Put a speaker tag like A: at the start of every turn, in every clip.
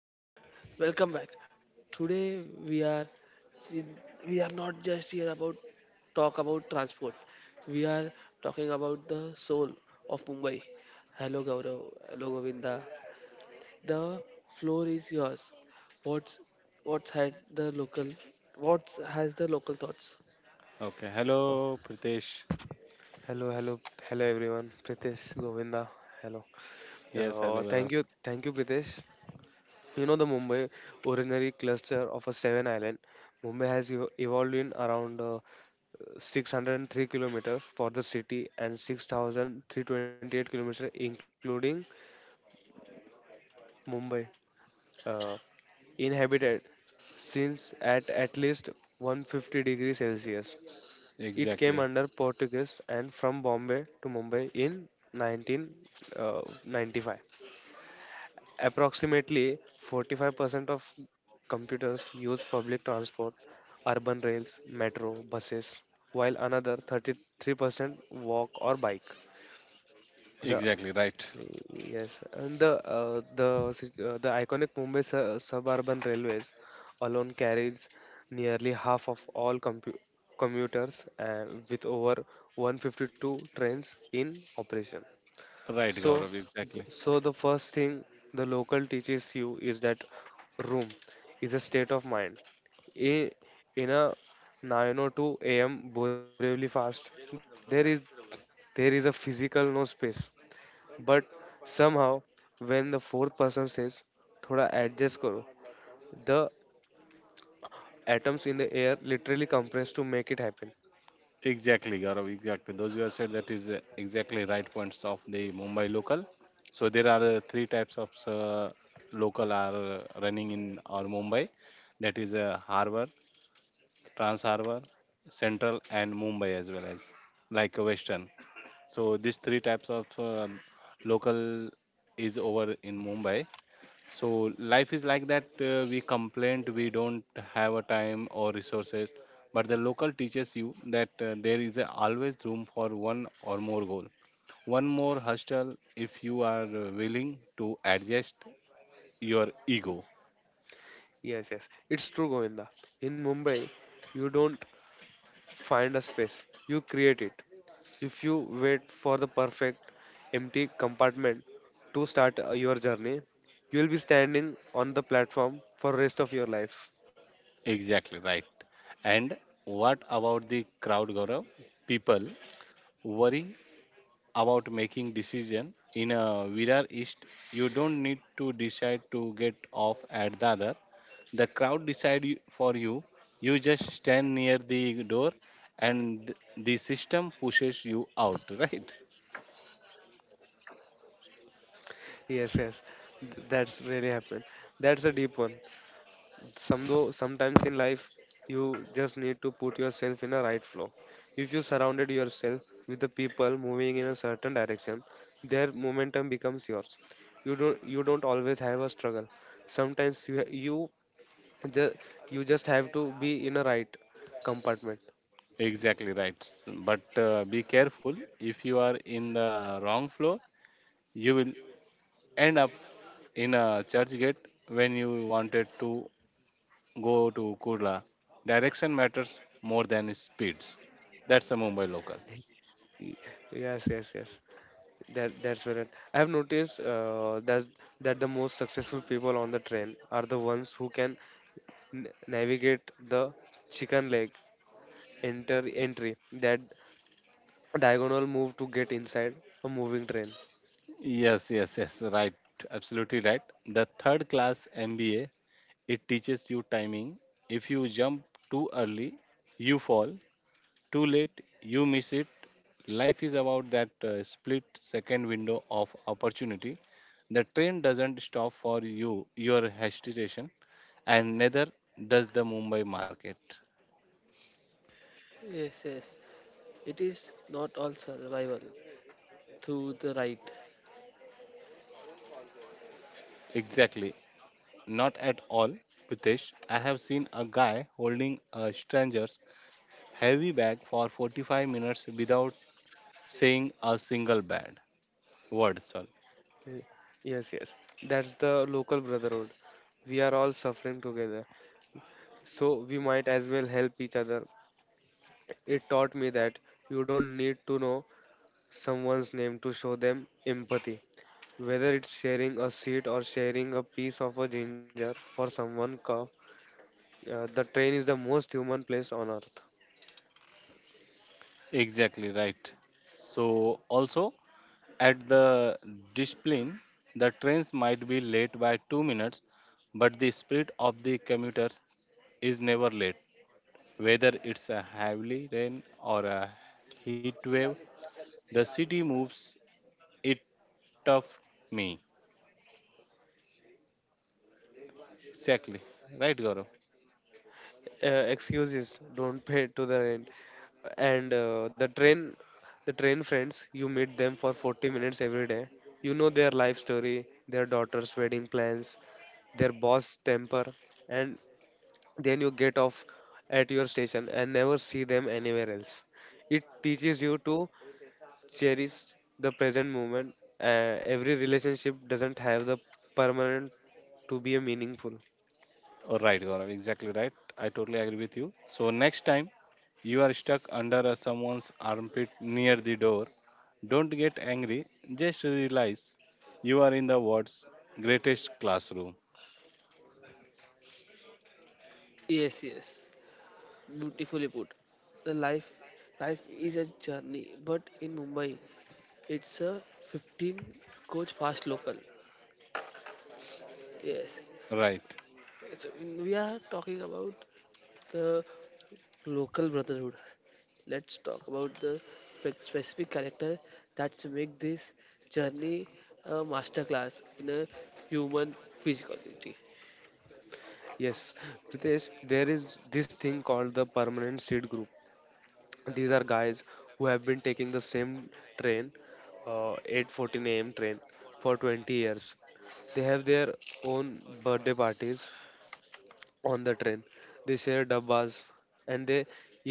A: Yes, welcome back. Today we are not just here about talk about transport. We are talking about the soul of Mumbai. Hello Gaurav, hello Govinda. The floor is yours. What's what's had the local what has the local thoughts?
B: Okay.
C: Oh,
B: Hello, Pritesh.
C: hello, hello, hello everyone. Pritesh Govinda. Hello.
B: Yes, hello,
C: Thank
B: Gaurav.
C: you, thank you, Pritesh. You know the Mumbai originary cluster of a seven island. Mumbai has evolved in around 603 kilometers for the city and 6,328 kilometers including Mumbai uh, inhabited since at least 150 degrees Celsius. It came
B: Exactly.
C: under Portuguese and from Bombay to Mumbai in 1995. Approximately 45% of computers use public transport, urban rails, metro, buses, while another 33% walk or bike.
B: Exactly.
C: The
B: Right.
C: Yes, and the iconic Mumbai suburban railways alone carries nearly half of all commuters with over 152 trains in operation.
B: Right,
C: So,
B: Gaurav. Exactly.
C: so the first thing the local teaches you is that room is a state of mind. In, in a 9:02 a.m. Borivali fast, there is there is a physical no space, but somehow, when the fourth person says, thoda adjust karo, the atoms in the air literally compress to make it happen.
B: Exactly, Gaurav. Exactly. Those you have said that is exactly right points of the Mumbai local. So there are three types of local are running in our Mumbai. That is a Harbour, Trans Harbour, Central, and Mumbai as well as like a Western. So these three types of local is over in Mumbai. So life is like that. We complain we don't have a time or resources, but the local teaches you that there is a always room for one or more goal, one more hostel if you are willing to adjust your ego.
C: Yes, yes, it's true, Govinda. In Mumbai, you don't find a space, you create it. If you wait for the perfect empty compartment to start your journey, you will be standing on the platform for rest of your life.
B: Exactly right. And what about the crowd, Gaurav? People worry about making decision in a Virar East. You don't need to decide to get off at the other. The crowd decide for you. You just stand near the door, and the system pushes you out. Right?
C: Yes, yes, that's really happened. That's a deep one. Sometimes in life you just need to put yourself in a right flow. If you surrounded yourself with the people moving in a certain direction, their momentum becomes yours. You don't always have a struggle. Sometimes just you just have to be in a right compartment.
B: Exactly right. But be careful. If you are in the wrong floor, you will end up in a church gate when you wanted to go to Kurla. Direction matters more than speeds. That's a Mumbai local.
C: Y- yes, yes, yes, that's where it, I have noticed that the most successful people on the train are the ones who can n- navigate the chicken leg, enter entry, that diagonal move to get inside a moving train.
B: Yes, yes, yes, right. Absolutely right. The third class MBA. It teaches you timing. If you jump too early, you fall. Too late, you miss it. Life is about that split second window of opportunity. The train doesn't stop for you, your hesitation, and neither does the Mumbai market.
A: Yes, yes. It is not all survival through the right.
B: Exactly. Not at all, Pritesh. I have seen a guy holding a stranger's heavy bag for 45 minutes without saying a single bad word. Sorry.
C: Y- yes, yes, that's the local brotherhood. We are all suffering together, so we might as well help each other. It taught me that you don't need to know someone's name to show them empathy, whether it's sharing a seat or sharing a piece of a ginger for someone cough. The train is the most human place on earth.
B: Exactly right. So also at the discipline, the trains might be late by 2 minutes, but the spirit of the commuters is never late. Whether it's a heavy rain or a heat wave, the city moves it of me. Exactly. Right, Gaurav?
C: Excuses don't pay to the rent. And the train friends, you meet them for 40 minutes every day. You know their life story, their daughter's wedding plans, their boss temper. And then you get off at your station and never see them anywhere else. It teaches you to cherish the present moment. Every relationship doesn't have the permanent to be a meaningful.
B: Right, Gaurav, exactly right. I totally agree with you. So next time you are stuck under a someone's armpit near the door, don't get angry. Just realize you are in the world's greatest classroom.
A: Yes, yes. Beautifully put. The life life is a journey, but in Mumbai, it's a 15 coach fast local. Yes.
B: Right.
A: So when we are talking about the local brotherhood, let's talk about the specific character that's make this journey a masterclass in a human physicality.
C: Yes, Pritesh, there is this thing called the permanent seed group. These are guys who have been taking the same train, 8:14 a.m. train, for 20 years. They have their own birthday parties on the train. They share dabbas, and they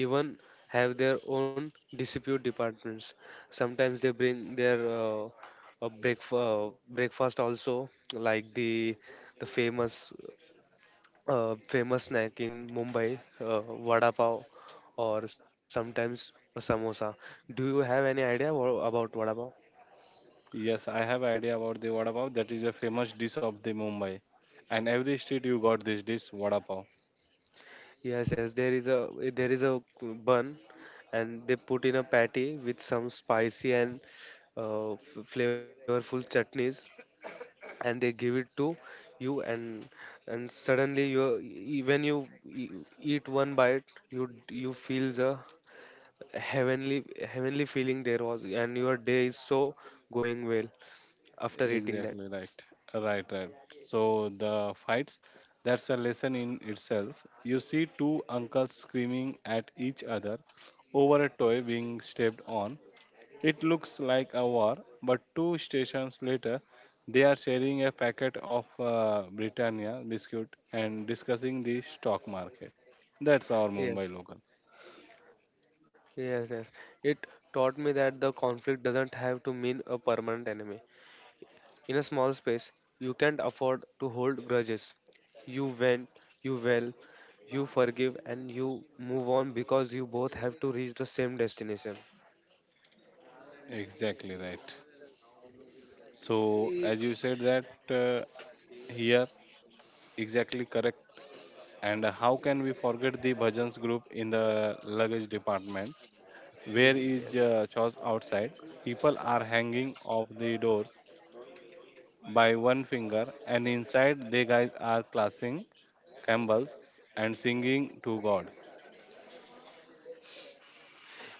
C: even have their own dispute departments. Sometimes they bring their breakfast also, like the famous snack in Mumbai, vada pav, or sometimes a samosa. Do you have any idea about vada pav?
B: Yes, I have idea about the vada pav. That is a famous dish of the Mumbai, and every street you got this dish vada pav.
C: Yes, yes, there is a bun, and they put in a patty with some spicy and flavorful chutneys, and they give it to you. And suddenly, when eat one bite, you feel the heavenly heavenly feeling there was, and your day is so going well after eating
B: Exactly
C: that.
B: right. Right, right. So the fights, that's a lesson in itself. You see two uncles screaming at each other over a toy being stepped on. It looks like a war, but two stations later, they are sharing a packet of Britannia biscuit and discussing the stock market. That's our Mumbai local.
C: Yes, yes, yes. It taught me that the conflict doesn't have to mean a permanent enemy. In a small space, you can't afford to hold grudges. You win, you well, you forgive, and you move on because you both have to reach the same destination.
B: Exactly right. So
A: Y-
B: as you said that here, exactly correct. And how can we forget the bhajans group in the luggage department? Where is
C: Yes,
B: chores outside? People are hanging off the doors by one finger, and inside they guys are classing Campbell's and singing to God.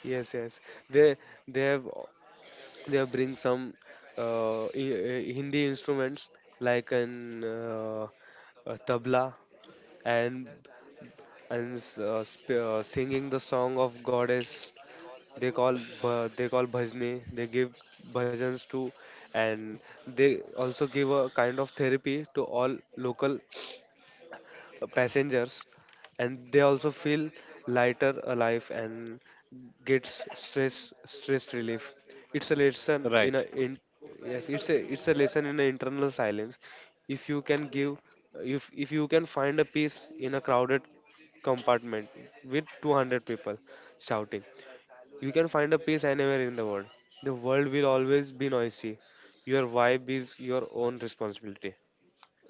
C: yes, yes. They they have they have bring some Hindi instruments like an a tabla, and and singing the song of goddess. They call bhajne. They give bhajans to, and they also give a kind of therapy to all local passengers, and they also feel lighter, alive, and gets stress relief. It's a lesson
B: Right.
C: in. Yes, it's a lesson in a internal silence. if you can give if you can find a peace in a crowded compartment with 200 people shouting, you can find a peace anywhere in the world. The world will always be noisy. Your vibe is your own responsibility.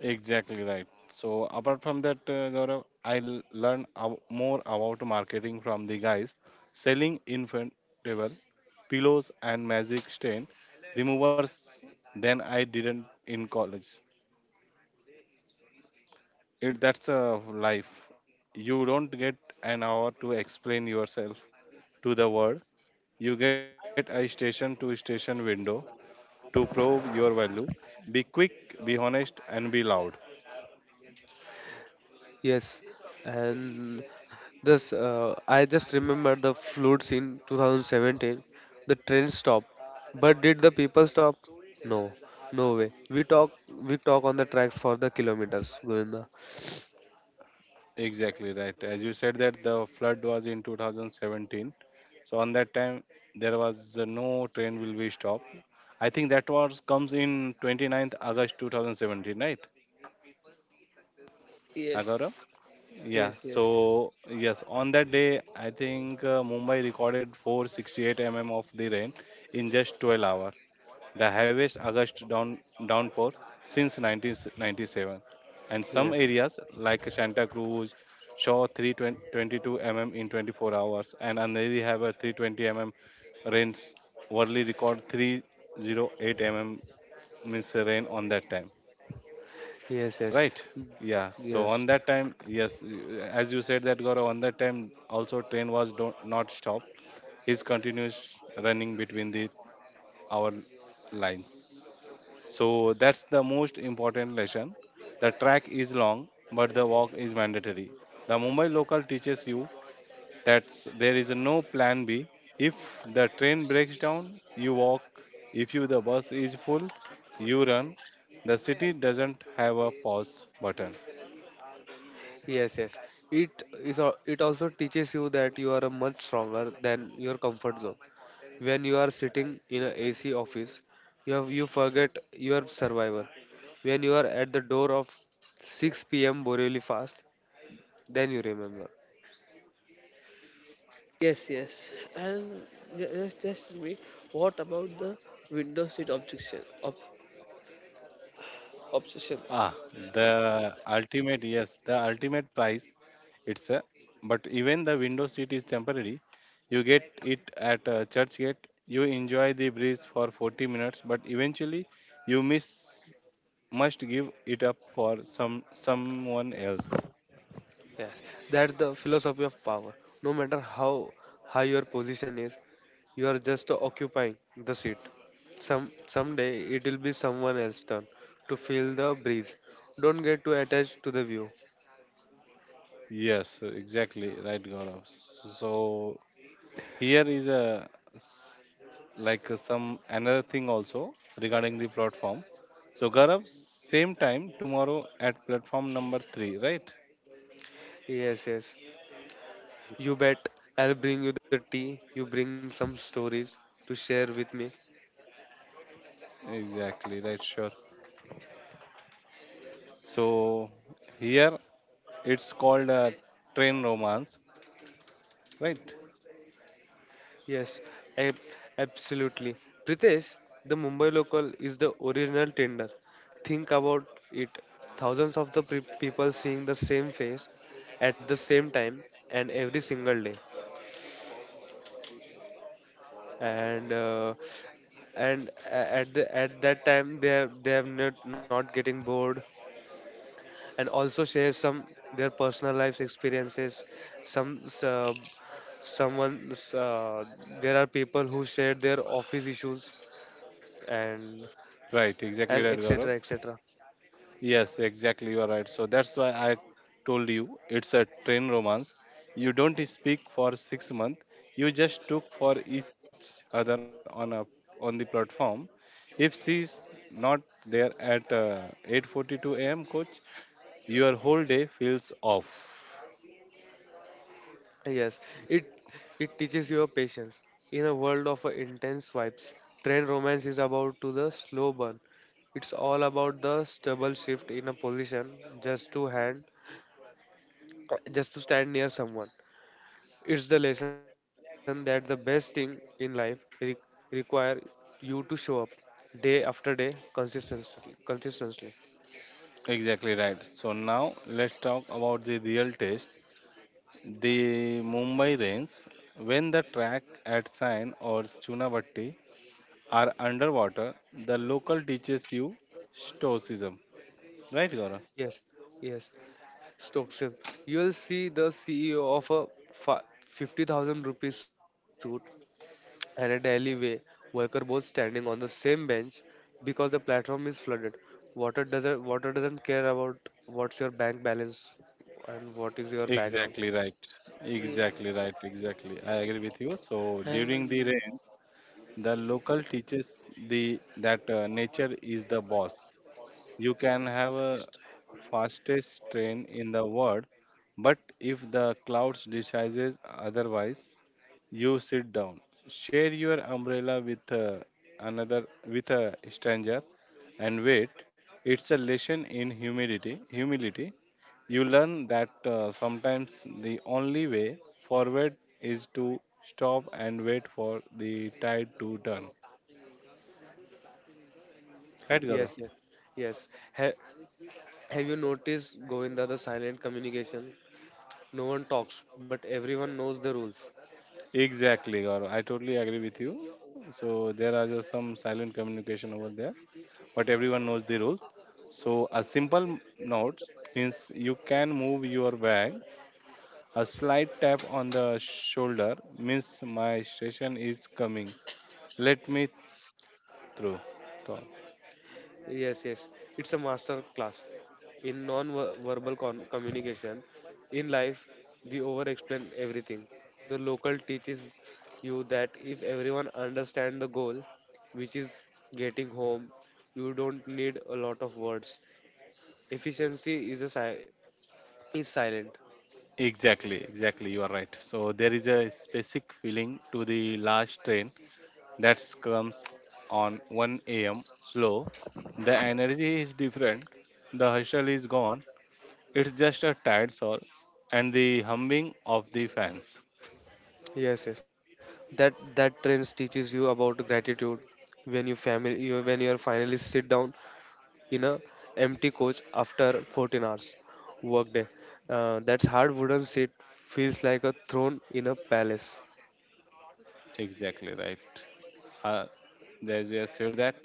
B: Exactly right. So apart from that, Gaurav, I learned more about marketing from the guys selling inflatable pillows and magic stain removers than I didn't in college. It That's a life. You don't get an hour to explain yourself to the world. You get a station to station window to prove your value. Be quick, be honest, and be loud.
C: Yes. And this, I just remember the floods in 2017. The train stopped, but did the people stop? No, no way. We talk on the tracks for the kilometers, Govinda.
B: Exactly right. As you said that the flood was in 2017. So on that time there was no train will be stopped. I think that was comes in 29th August 2017, right? Agaurav?
A: Yes.
B: Yeah.
A: Yes. Yes.
B: So yes, on that day I think Mumbai recorded 468 mm of the rain in just 12 hours, the heaviest August downpour since 1997, and some
C: Yes,
B: areas like Santa Cruz saw 322 mm in 24 hours, and Andheri have a 320 mm rains. Worldly record 308 mm means rain on that time,
C: yes, yes,
B: right? Yeah. So
C: yes,
B: on that time, yes, as you said that, Gaurav, on that time also train was don't, not stopped. His continuous running between the our lines. So that's the most important lesson. The track is long, but the walk is mandatory. The Mumbai local teaches you that there is no plan B. If the train breaks down, you walk. If you the bus is full, you run. The city doesn't have a pause button.
C: yes, yes. It is. It also teaches you that you are a much stronger than your comfort zone. When you are sitting in a AC office, you forget you are survivor. When you are at the door of 6 p.m. Borivali fast, then you remember.
A: Yes, yes. And just tell me, what about the window seat
B: Ah,
A: obsession?
B: the ultimate, yes, the ultimate price. It's a, but even the window seat is temporary. You get it at church gate. You enjoy the breeze for 40 minutes, but eventually you miss must give it up for someone else.
C: Yes. That's the philosophy of power. No matter how high your position is, you are just occupying the seat. Someday it will be someone else's turn to feel the breeze. Don't get too attached to the view.
B: Yes, exactly right, Gaurav. So here is a like some another thing also regarding the platform. So Gaurav, same time tomorrow at platform number three, right?
C: Yes, yes. You bet, I'll bring you the tea. You bring some stories to share with me.
B: Exactly, right, sure. So here it's called train romance, right?
C: Yes, ab- absolutely. Pritesh, the Mumbai local is the original tender. Think about it. Thousands of the people seeing the same face at the same time and every single day. And at that time they are not not getting bored, and also share some their personal lives experiences. Some s- someone s- There are people who share their office issues and s-
B: Right, exactly right, Gaurav.
C: etc etc.
B: Yes, exactly. You are right. So that's why I told you it's a train romance. You don't speak for 6 months. You just took for each other on the platform. If she's not there at 8:42 a.m., coach, your whole day feels off.
C: Yes, it it teaches your patience in a world of intense vibes. Train romance is about to the slow burn. It's all about the stubble shift in a position, just to hand just to stand near someone. It's the lesson that the best thing in life require you to show up day after day, consistently consistently.
B: Exactly right. So now let's talk about the real test. The Mumbai rains. When the track at Sain or Chunabatti are underwater, the local teaches you stoicism. Right, Gaurav?
C: Yes, yes, Stokesel. You will see the CEO of a fi- 50,000 rupee suit and a alleyway worker both standing on the same bench because the platform is flooded. Water doesn't care about what's your bank balance and what is your background.
B: Exactly right.
A: Yeah.
B: Exactly right. Exactly. I agree with you. So during the
A: And
B: rain, the local teaches the that nature is the boss. You can have a fastest train in the world, but if the clouds decides otherwise, you sit down, share your umbrella with another with a stranger, and wait. It's a lesson in humility. Humility. You learn that sometimes the only way forward is to stop and wait for the tide to turn. Right, Gaurav?
C: Yes, yes, yes. Ha- have you noticed, Govinda, the silent communication? No one talks, but everyone knows the rules.
B: Exactly, Gaurav. I totally agree with you. So there are just some silent communication over there, but everyone knows the rules. So a simple nod means you can move your bag. A slight tap on the shoulder means my station is coming. Let me through. So,
C: Yes, yes. It's a master class in non-verbal communication. In life, we over-explain everything. The local teaches you that if everyone understand the goal, which is getting home, you don't need a lot of words. Efficiency is silent.
B: exactly, exactly. You are right. So there is a specific feeling to the last train that comes on 1 a.m. slow. The energy is different. The hustle is gone. It's just a tired soul and the humming of the fans.
C: Yes, yes. That trends teaches you about gratitude. When you are finally sit down in a empty coach after 14 hours workday. That hard wooden seat feels like a throne in a palace.
B: Exactly right. Uh, as you have said that,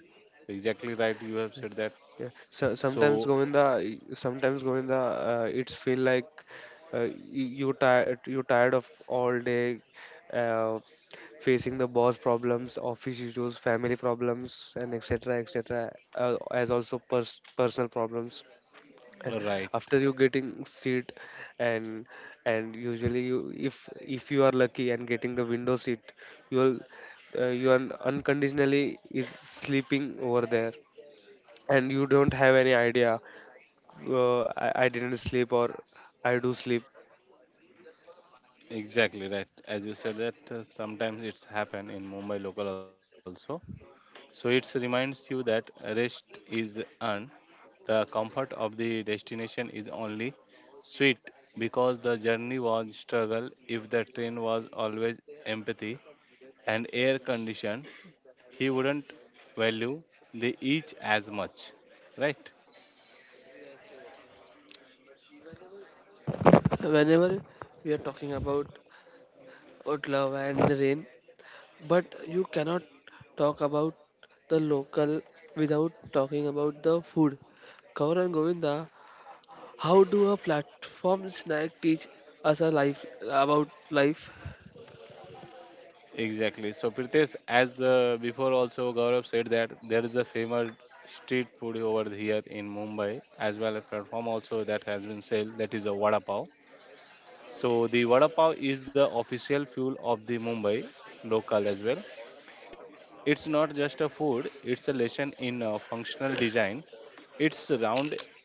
B: exactly right. You have said that.
C: Yeah. So,
B: So
C: Sometimes Govinda, it's feel like uh, you you tired of all day, uh, facing the boss problems, office issues, family problems, and etc. etc. As also personal problems. And
B: right,
C: after you getting seat, and and usually you, if you are lucky and getting the window seat, you will you are unconditionally is sleeping over there, and you don't have any idea, I didn't sleep or I do sleep.
B: exactly right. As you said that, sometimes it's happen in Mumbai local also. So it reminds you that rest is earned. The comfort of the destination is only sweet because the journey was struggle. If the train was always empathy and air conditioned, he wouldn't value the each as much, right?
A: whenever we are talking about love and the rain, but you cannot talk about the local without talking about the food. Kaur and Govinda, how do a platform snack teach us a life about life?
B: Exactly. So Pritesh, as before also Gaurav said that there is a famous street food over here in Mumbai as well a platform also that has been sold that is a vada pav. So the vada pav is the official fuel of the Mumbai local as well. It's not just a food; it's a lesson in functional design. It's round,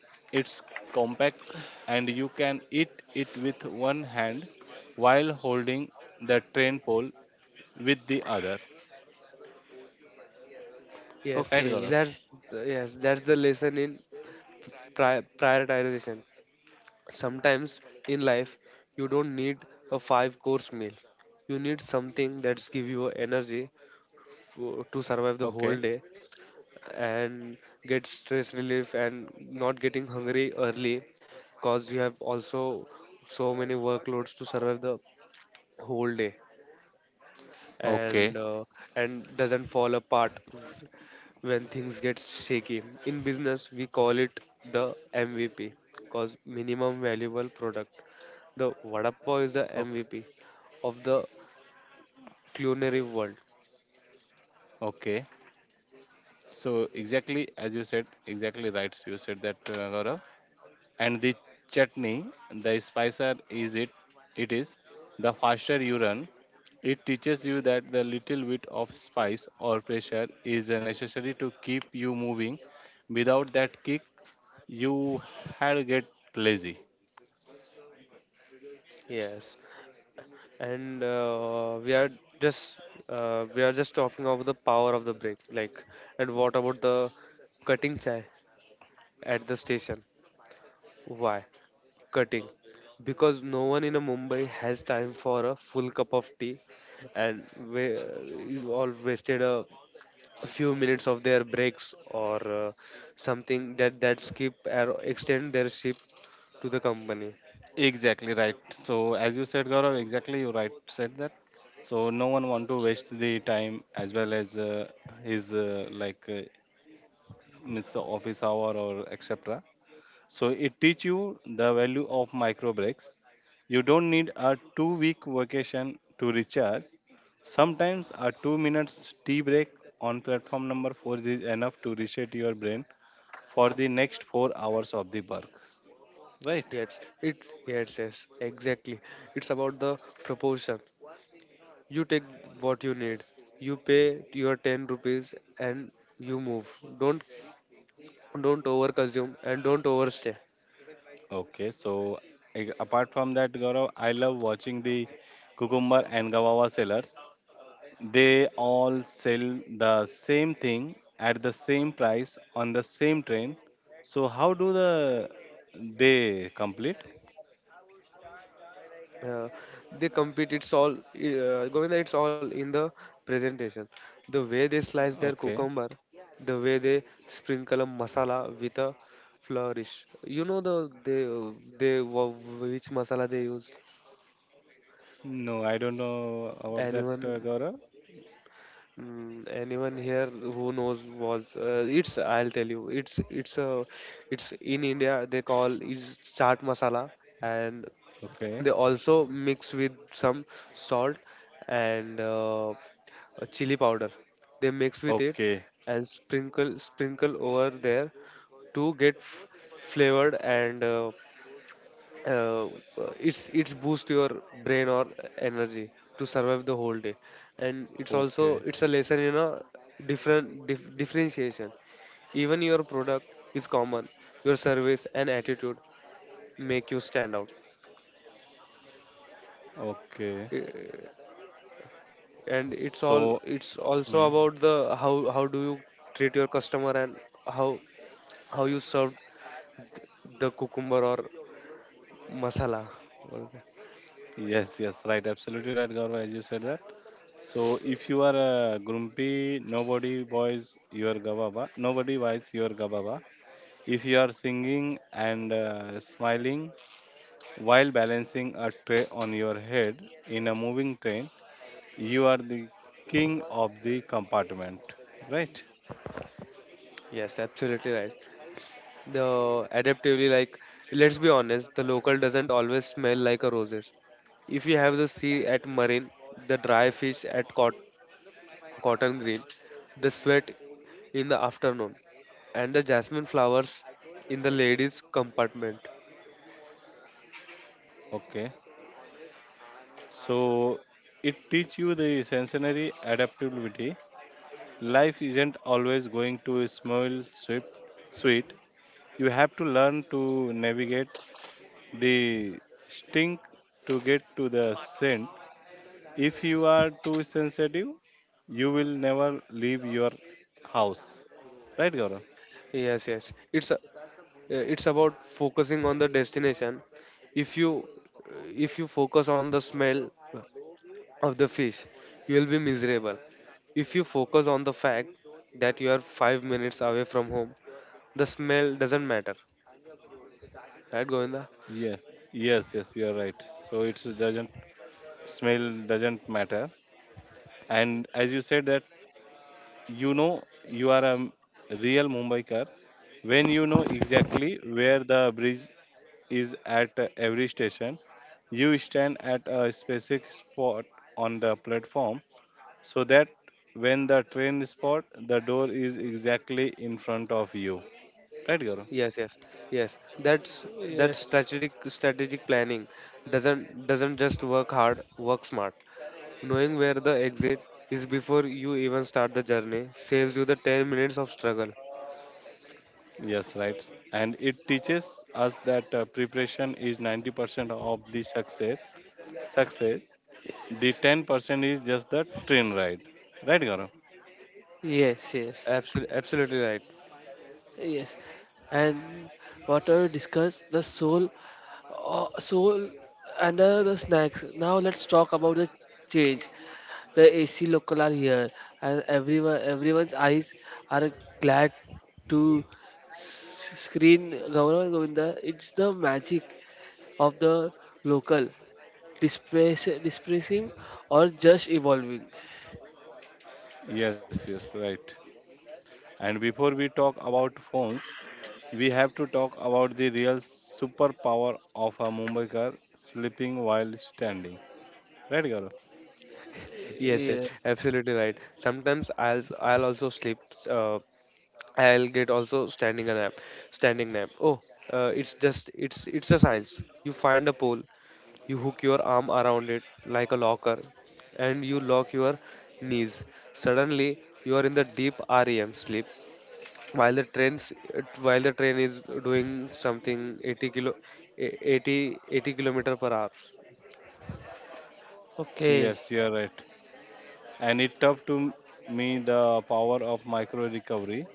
B: it's compact, and you can eat it with one hand while holding the train pole with the other.
C: yes
B: Right,
A: Okay.
B: Gaurav?
C: that's yes that's the lesson in prioritization. Sometimes in life you don't need a five course meal. You need something that's give you energy to survive the whole
B: Okay.
C: day, and get stress relief, and not getting hungry early, because we have also so many workloads to survive the whole day.
B: Okay.
C: And doesn't fall apart when things get shaky. In business, we call it the mvp, because minimum valuable product. The vada pav is the
B: Okay.
C: mvp of the culinary world.
B: Okay. So exactly as you said, exactly right. You said that Gaurav. And the chutney, the spicer is it. It is the faster you run. It teaches you that the little bit of spice or pressure is necessary to keep you moving. Without that kick, you had get lazy.
C: Yes, and just we are just talking about the power of the brake, like. And what about the cutting chai at the station? Why cutting? Because no one in a mumbai has time for a full cup of tea. And we you all wasted a few minutes of their breaks or something that skip or extend their ship to the company.
B: Exactly right. So as you said, Gaurav, exactly you right said that. So no one want to waste the time as well as his like miss office hour or etc. So it teach you the value of micro breaks. You don't need a 2 week vacation to recharge. Sometimes a 2 minutes tea break on platform number four is enough to reset your brain for the next 4 hours of the work. Right?
C: Yes, yes, exactly. It's about the proportion. You take what you need. You pay your 10 rupees and you move. Don't don't overconsume and don't overstay.
B: Okay, so apart from that, Gaurav, I love watching the cucumber and guava sellers. They all sell the same thing at the same price on the same train. So how do they complete?
C: Uh, they compete. It's all, Govinda, it's all in the presentation. The way they slice their
B: Okay.
C: cucumber, the way they sprinkle a masala with a flourish. You know the which masala they use.
B: No, I don't know about that,
C: Anyone?
B: Gaurav.
C: Anyone here who knows was it's I'll tell you, it's in India, they call it's chaat masala. And
B: Okay.
C: they also mix with some salt and chili powder, they mix with it
B: Okay.
C: and sprinkle over there to get flavored. And uh, it's boost your brain or energy to survive the whole day. And it's also
B: Okay.
C: it's a lesson, different differentiation. Even your product is common, your service and attitude make you stand out.
B: Okay.
C: Uh, and
B: So,
C: it's also
B: mm,
C: about the, how how do you treat your customer, and how how you serve the cucumber or masala. What is that?
B: yes, yes, right, absolutely right, Gaurav, as you said that. So if you are a grumpy, nobody buys your gababa. If you are singing and smiling while balancing a tray on your head in a moving train, you are the king of the compartment, right?
C: Yes, absolutely right. The adaptively, like, let's be honest, the local doesn't always smell like a roses. If you have the sea at Marine, the dry fish at Cotton Green, the sweat in the afternoon, and the jasmine flowers in the ladies compartment.
B: Okay. So it teach you the sensory adaptability. Life isn't always going to smell sweet. Sweet. You have to learn to navigate the stink to get to the scent. If you are too sensitive, you will never leave your house. Right, Gaurav?
C: Yes, yes, it's about focusing on the destination. If you, if you focus on the smell of the fish, you will be miserable. If you focus on the fact that you are 5 minutes away from home, the smell doesn't matter. Right, Govinda?
B: Yeah. Yes, yes, you're right. So it doesn't smell doesn't matter. And as you said that, you know you are a real Mumbaikar when you know exactly where the bridge is at every station. You stand at a specific spot on the platform so that when the train is spot, the door is exactly in front of you, right, Gaurav?
C: Yes, yes, yes. That
A: Yes.
C: strategic planning doesn't just work hard, work smart. Knowing where the exit is before you even start the journey saves you the 10 minutes of struggle.
B: Yes, right. And it teaches us that preparation is 90% of the success. The 10% is just the train ride, right, Gaurav?
A: Yes, yes.
C: Absolutely, absolutely right.
A: Yes, and whatever discuss the soul, soul and the snacks. Now let's talk about the change. The AC local are here, and everyone's eyes are glad to screen Gaurav Govinda. It's the magic of the local, displacing or just evolving.
B: Yes, yes, right. And before we talk about phones, we have to talk about the real superpower of a Mumbaikar, sleeping while standing, right, Gaurav?
C: Yes, yes,
A: Yeah.
C: absolutely right. Sometimes I'll also sleep. Uh, I'll get also standing a nap. Standing nap. Oh, it's just it's a science. You find a pole, you hook your arm around it like a locker, and you lock your knees. Suddenly, you are in the deep REM sleep while the trains while the train is doing something 80 kilo, 80 kilometer per hour.
A: Okay.
B: Yes, you are right. And it taught to me the power of micro recovery.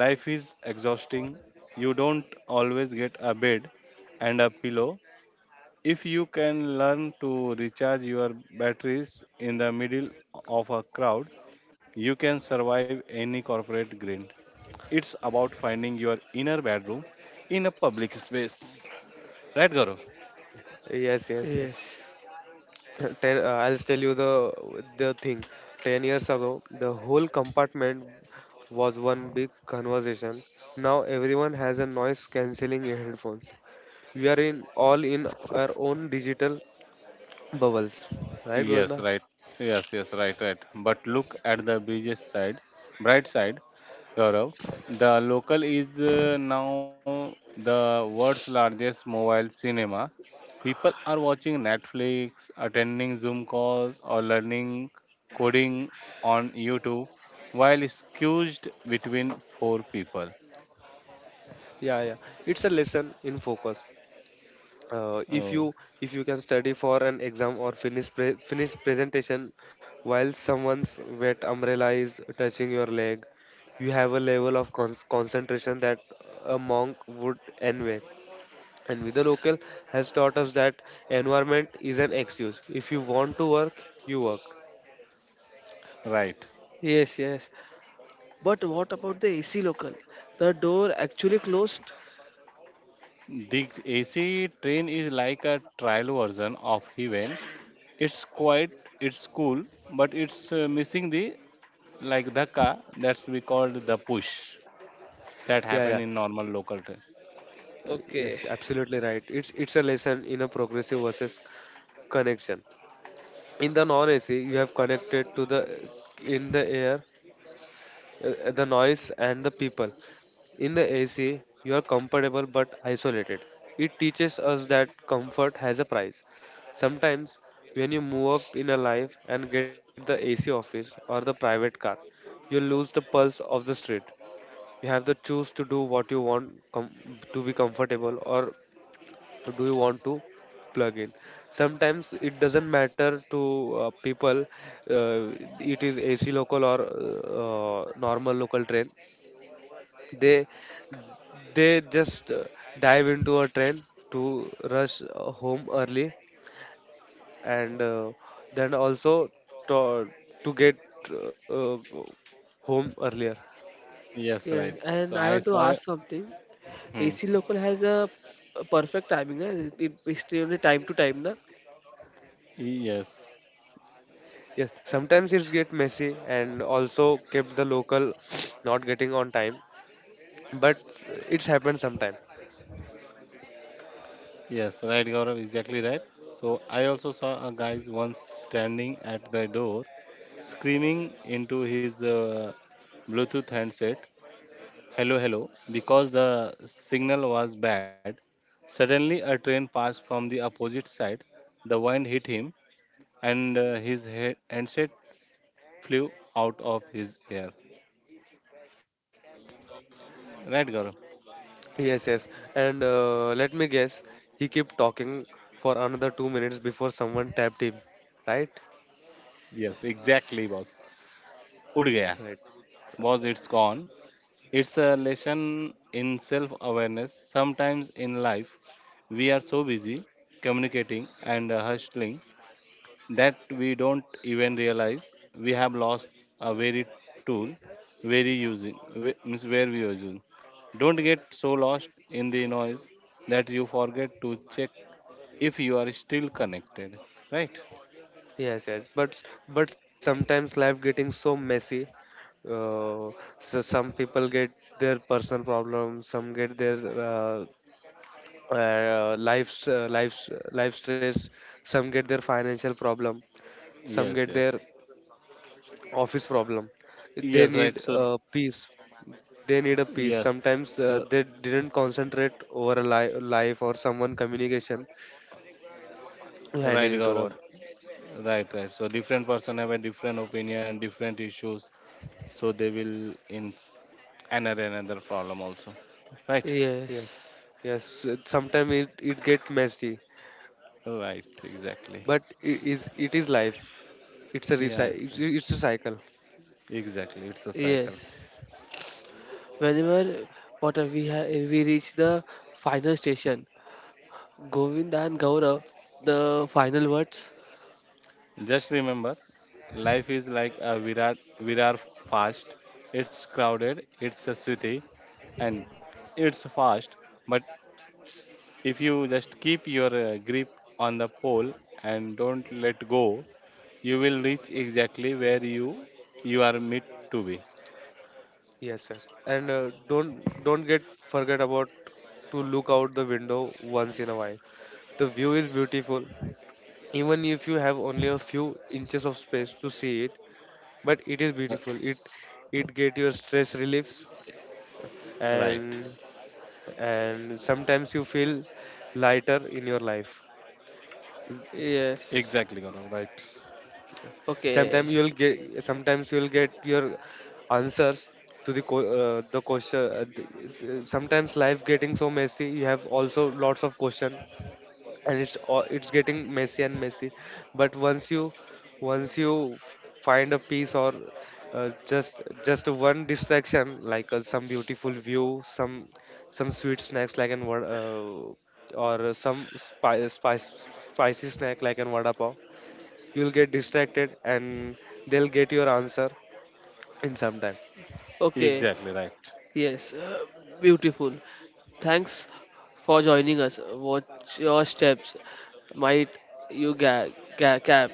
B: Life is exhausting. You don't always get a bed and a pillow. If you can learn to recharge your batteries in the middle of a crowd, you can survive any corporate grind. It's about finding your inner bedroom in a public space. Right, Garo?
C: Yes, yes, yes.
A: Yes.
C: I'll tell you the thing. 10 years ago, the whole compartment was one big conversation. Now everyone has a noise cancelling headphones. We are in all in our own digital bubbles, right,
B: Yes,
C: Govinda?
B: right. Yes, yes, right, right. But look at the bright side, Gaurav. The local is now the world's largest mobile cinema. People are watching Netflix, attending Zoom calls, or learning coding on YouTube while squeezed between four people.
C: Yeah, yeah. It's a lesson in focus. If you
B: Oh,
C: if you can study for an exam or finish finish presentation while someone's wet umbrella is touching your leg, you have a level of concentration that a monk would envy. And with the local has taught us that environment is an excuse. If you want to work, you work.
B: right.
A: Yes. Yes. But what about the AC local? The door actually closed?
B: The AC train is like a trial version of heaven. It's quiet, it's cool, but it's missing the like dhaka that's we called the push that
C: Yeah,
B: happen
C: yeah.
B: in normal local train.
A: Okay.
C: Yes, absolutely right. It's a lesson in a progressive versus connection. In the non AC you have connected to the, in the air, the noise and the people. In the AC, you are comfortable but isolated. It teaches us that comfort has a price. Sometimes, when you move up in a life and get the AC office or the private car, you lose the pulse of the street. You have the choose to do what you want, to be comfortable, or do you want to plug in. Sometimes it doesn't matter to people. Uh, it is AC local or normal local train, they just dive into a train to rush home early, and then also to, to get uh, home earlier.
B: Yes, right.
A: Yes,
B: So
A: and I
B: I
A: want to
B: saw.
A: ask something.
B: Hmm.
A: AC local has a perfect timing, na? It extremely time to time, na?
B: Yes,
C: Yes, sometimes it's get messy, and also kept the local not getting on time, but it's happened sometime.
B: yes, right, Gaurav, exactly right. So I also saw a guy once standing at the door, screaming into his Bluetooth handset, "Hello, hello." Because the signal was bad, suddenly a train passed from the opposite side. The wind hit him, and his head handset flew out of his hair. Right, Gaurav?
C: Yes, yes, and let me guess, he kept talking for another 2 minutes before someone tapped him, right?
B: Yes, exactly, boss. Ud gaya.
C: Right.
B: Boss, it's gone. It's a lesson in self-awareness. Sometimes in life, we are so busy communicating and hustling that we don't even realize we have lost a very tool very using means where we using. Don't get so lost in the noise that you forget to check if you are still connected, right?
C: Yes, yes, but sometimes life getting so messy. Uh, so some people get their personal problems, some get their life's life stress, some get their financial problem, some
B: Yes,
C: get
B: yes,
C: their office problem. They
B: yes,
C: need
B: right. So
C: peace. They need a peace.
B: yes,
C: Sometimes
B: uh,
C: they didn't concentrate over a life or someone communication to
B: right,
C: handle it
B: Gaurav.
C: over.
B: Right, right. So different person have a different opinion, different issues, so they will in another problem also, right?
C: Yes,
A: Yes,
C: yes. Sometimes it get messy,
B: Right, exactly.
C: but it is life. it's a recy-
B: Yes.
C: it's it's a cycle.
B: Exactly, it's a cycle.
A: yes. Whenever what are we ha- we reach the final station, Govind and Gaurav, the final words.
B: Just remember, life is like a Virar fast. It's crowded, it's a sweaty, and it's fast. But if you just keep your grip on the pole and don't let go, you will reach exactly where you are meant to be.
C: Yes, yes, and don't get forget about to look out the window once in a while. The view is beautiful, even if you have only a few inches of space to see it. But it is
B: Uh,
C: beautiful, it get your stress reliefs,
B: right.
C: and and sometimes you feel lighter in your life.
B: Exactly, Gaurav, right.
A: Yes. Okay.
C: Sometimes you'll get your answers to the co- the question. Sometimes life getting so messy. You have also lots of question, and it's getting messy and messy. But once you find a peace, or uh, just just one distraction, like some beautiful view, some sweet snacks like an or some spi- spice spicy snack like an vada pav. You'll get distracted and they'll get your answer in some time.
A: Okay.
B: Exactly right.
A: Yes, beautiful. Thanks for joining us. Watch your steps, might you cap,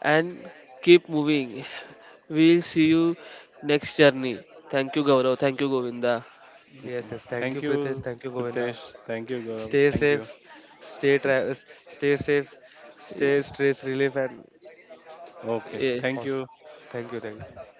A: and keep moving. We'll see you next journey. Thank you, Gaurav. Thank you, Govinda.
C: Yes,
B: Mhm.
C: yes. Thank you,
B: Thank
C: Pritesh.
B: you,
C: Thank you, Govinda.
B: Pritesh. Thank you, Gaurav.
C: Stay
B: Thank you.
C: safe. Stay tra- stay safe.
A: Y-
C: Stay stress relief and
B: Okay.
A: Yes.
B: Thank
C: awesome.
B: you.
C: Thank you, thank you.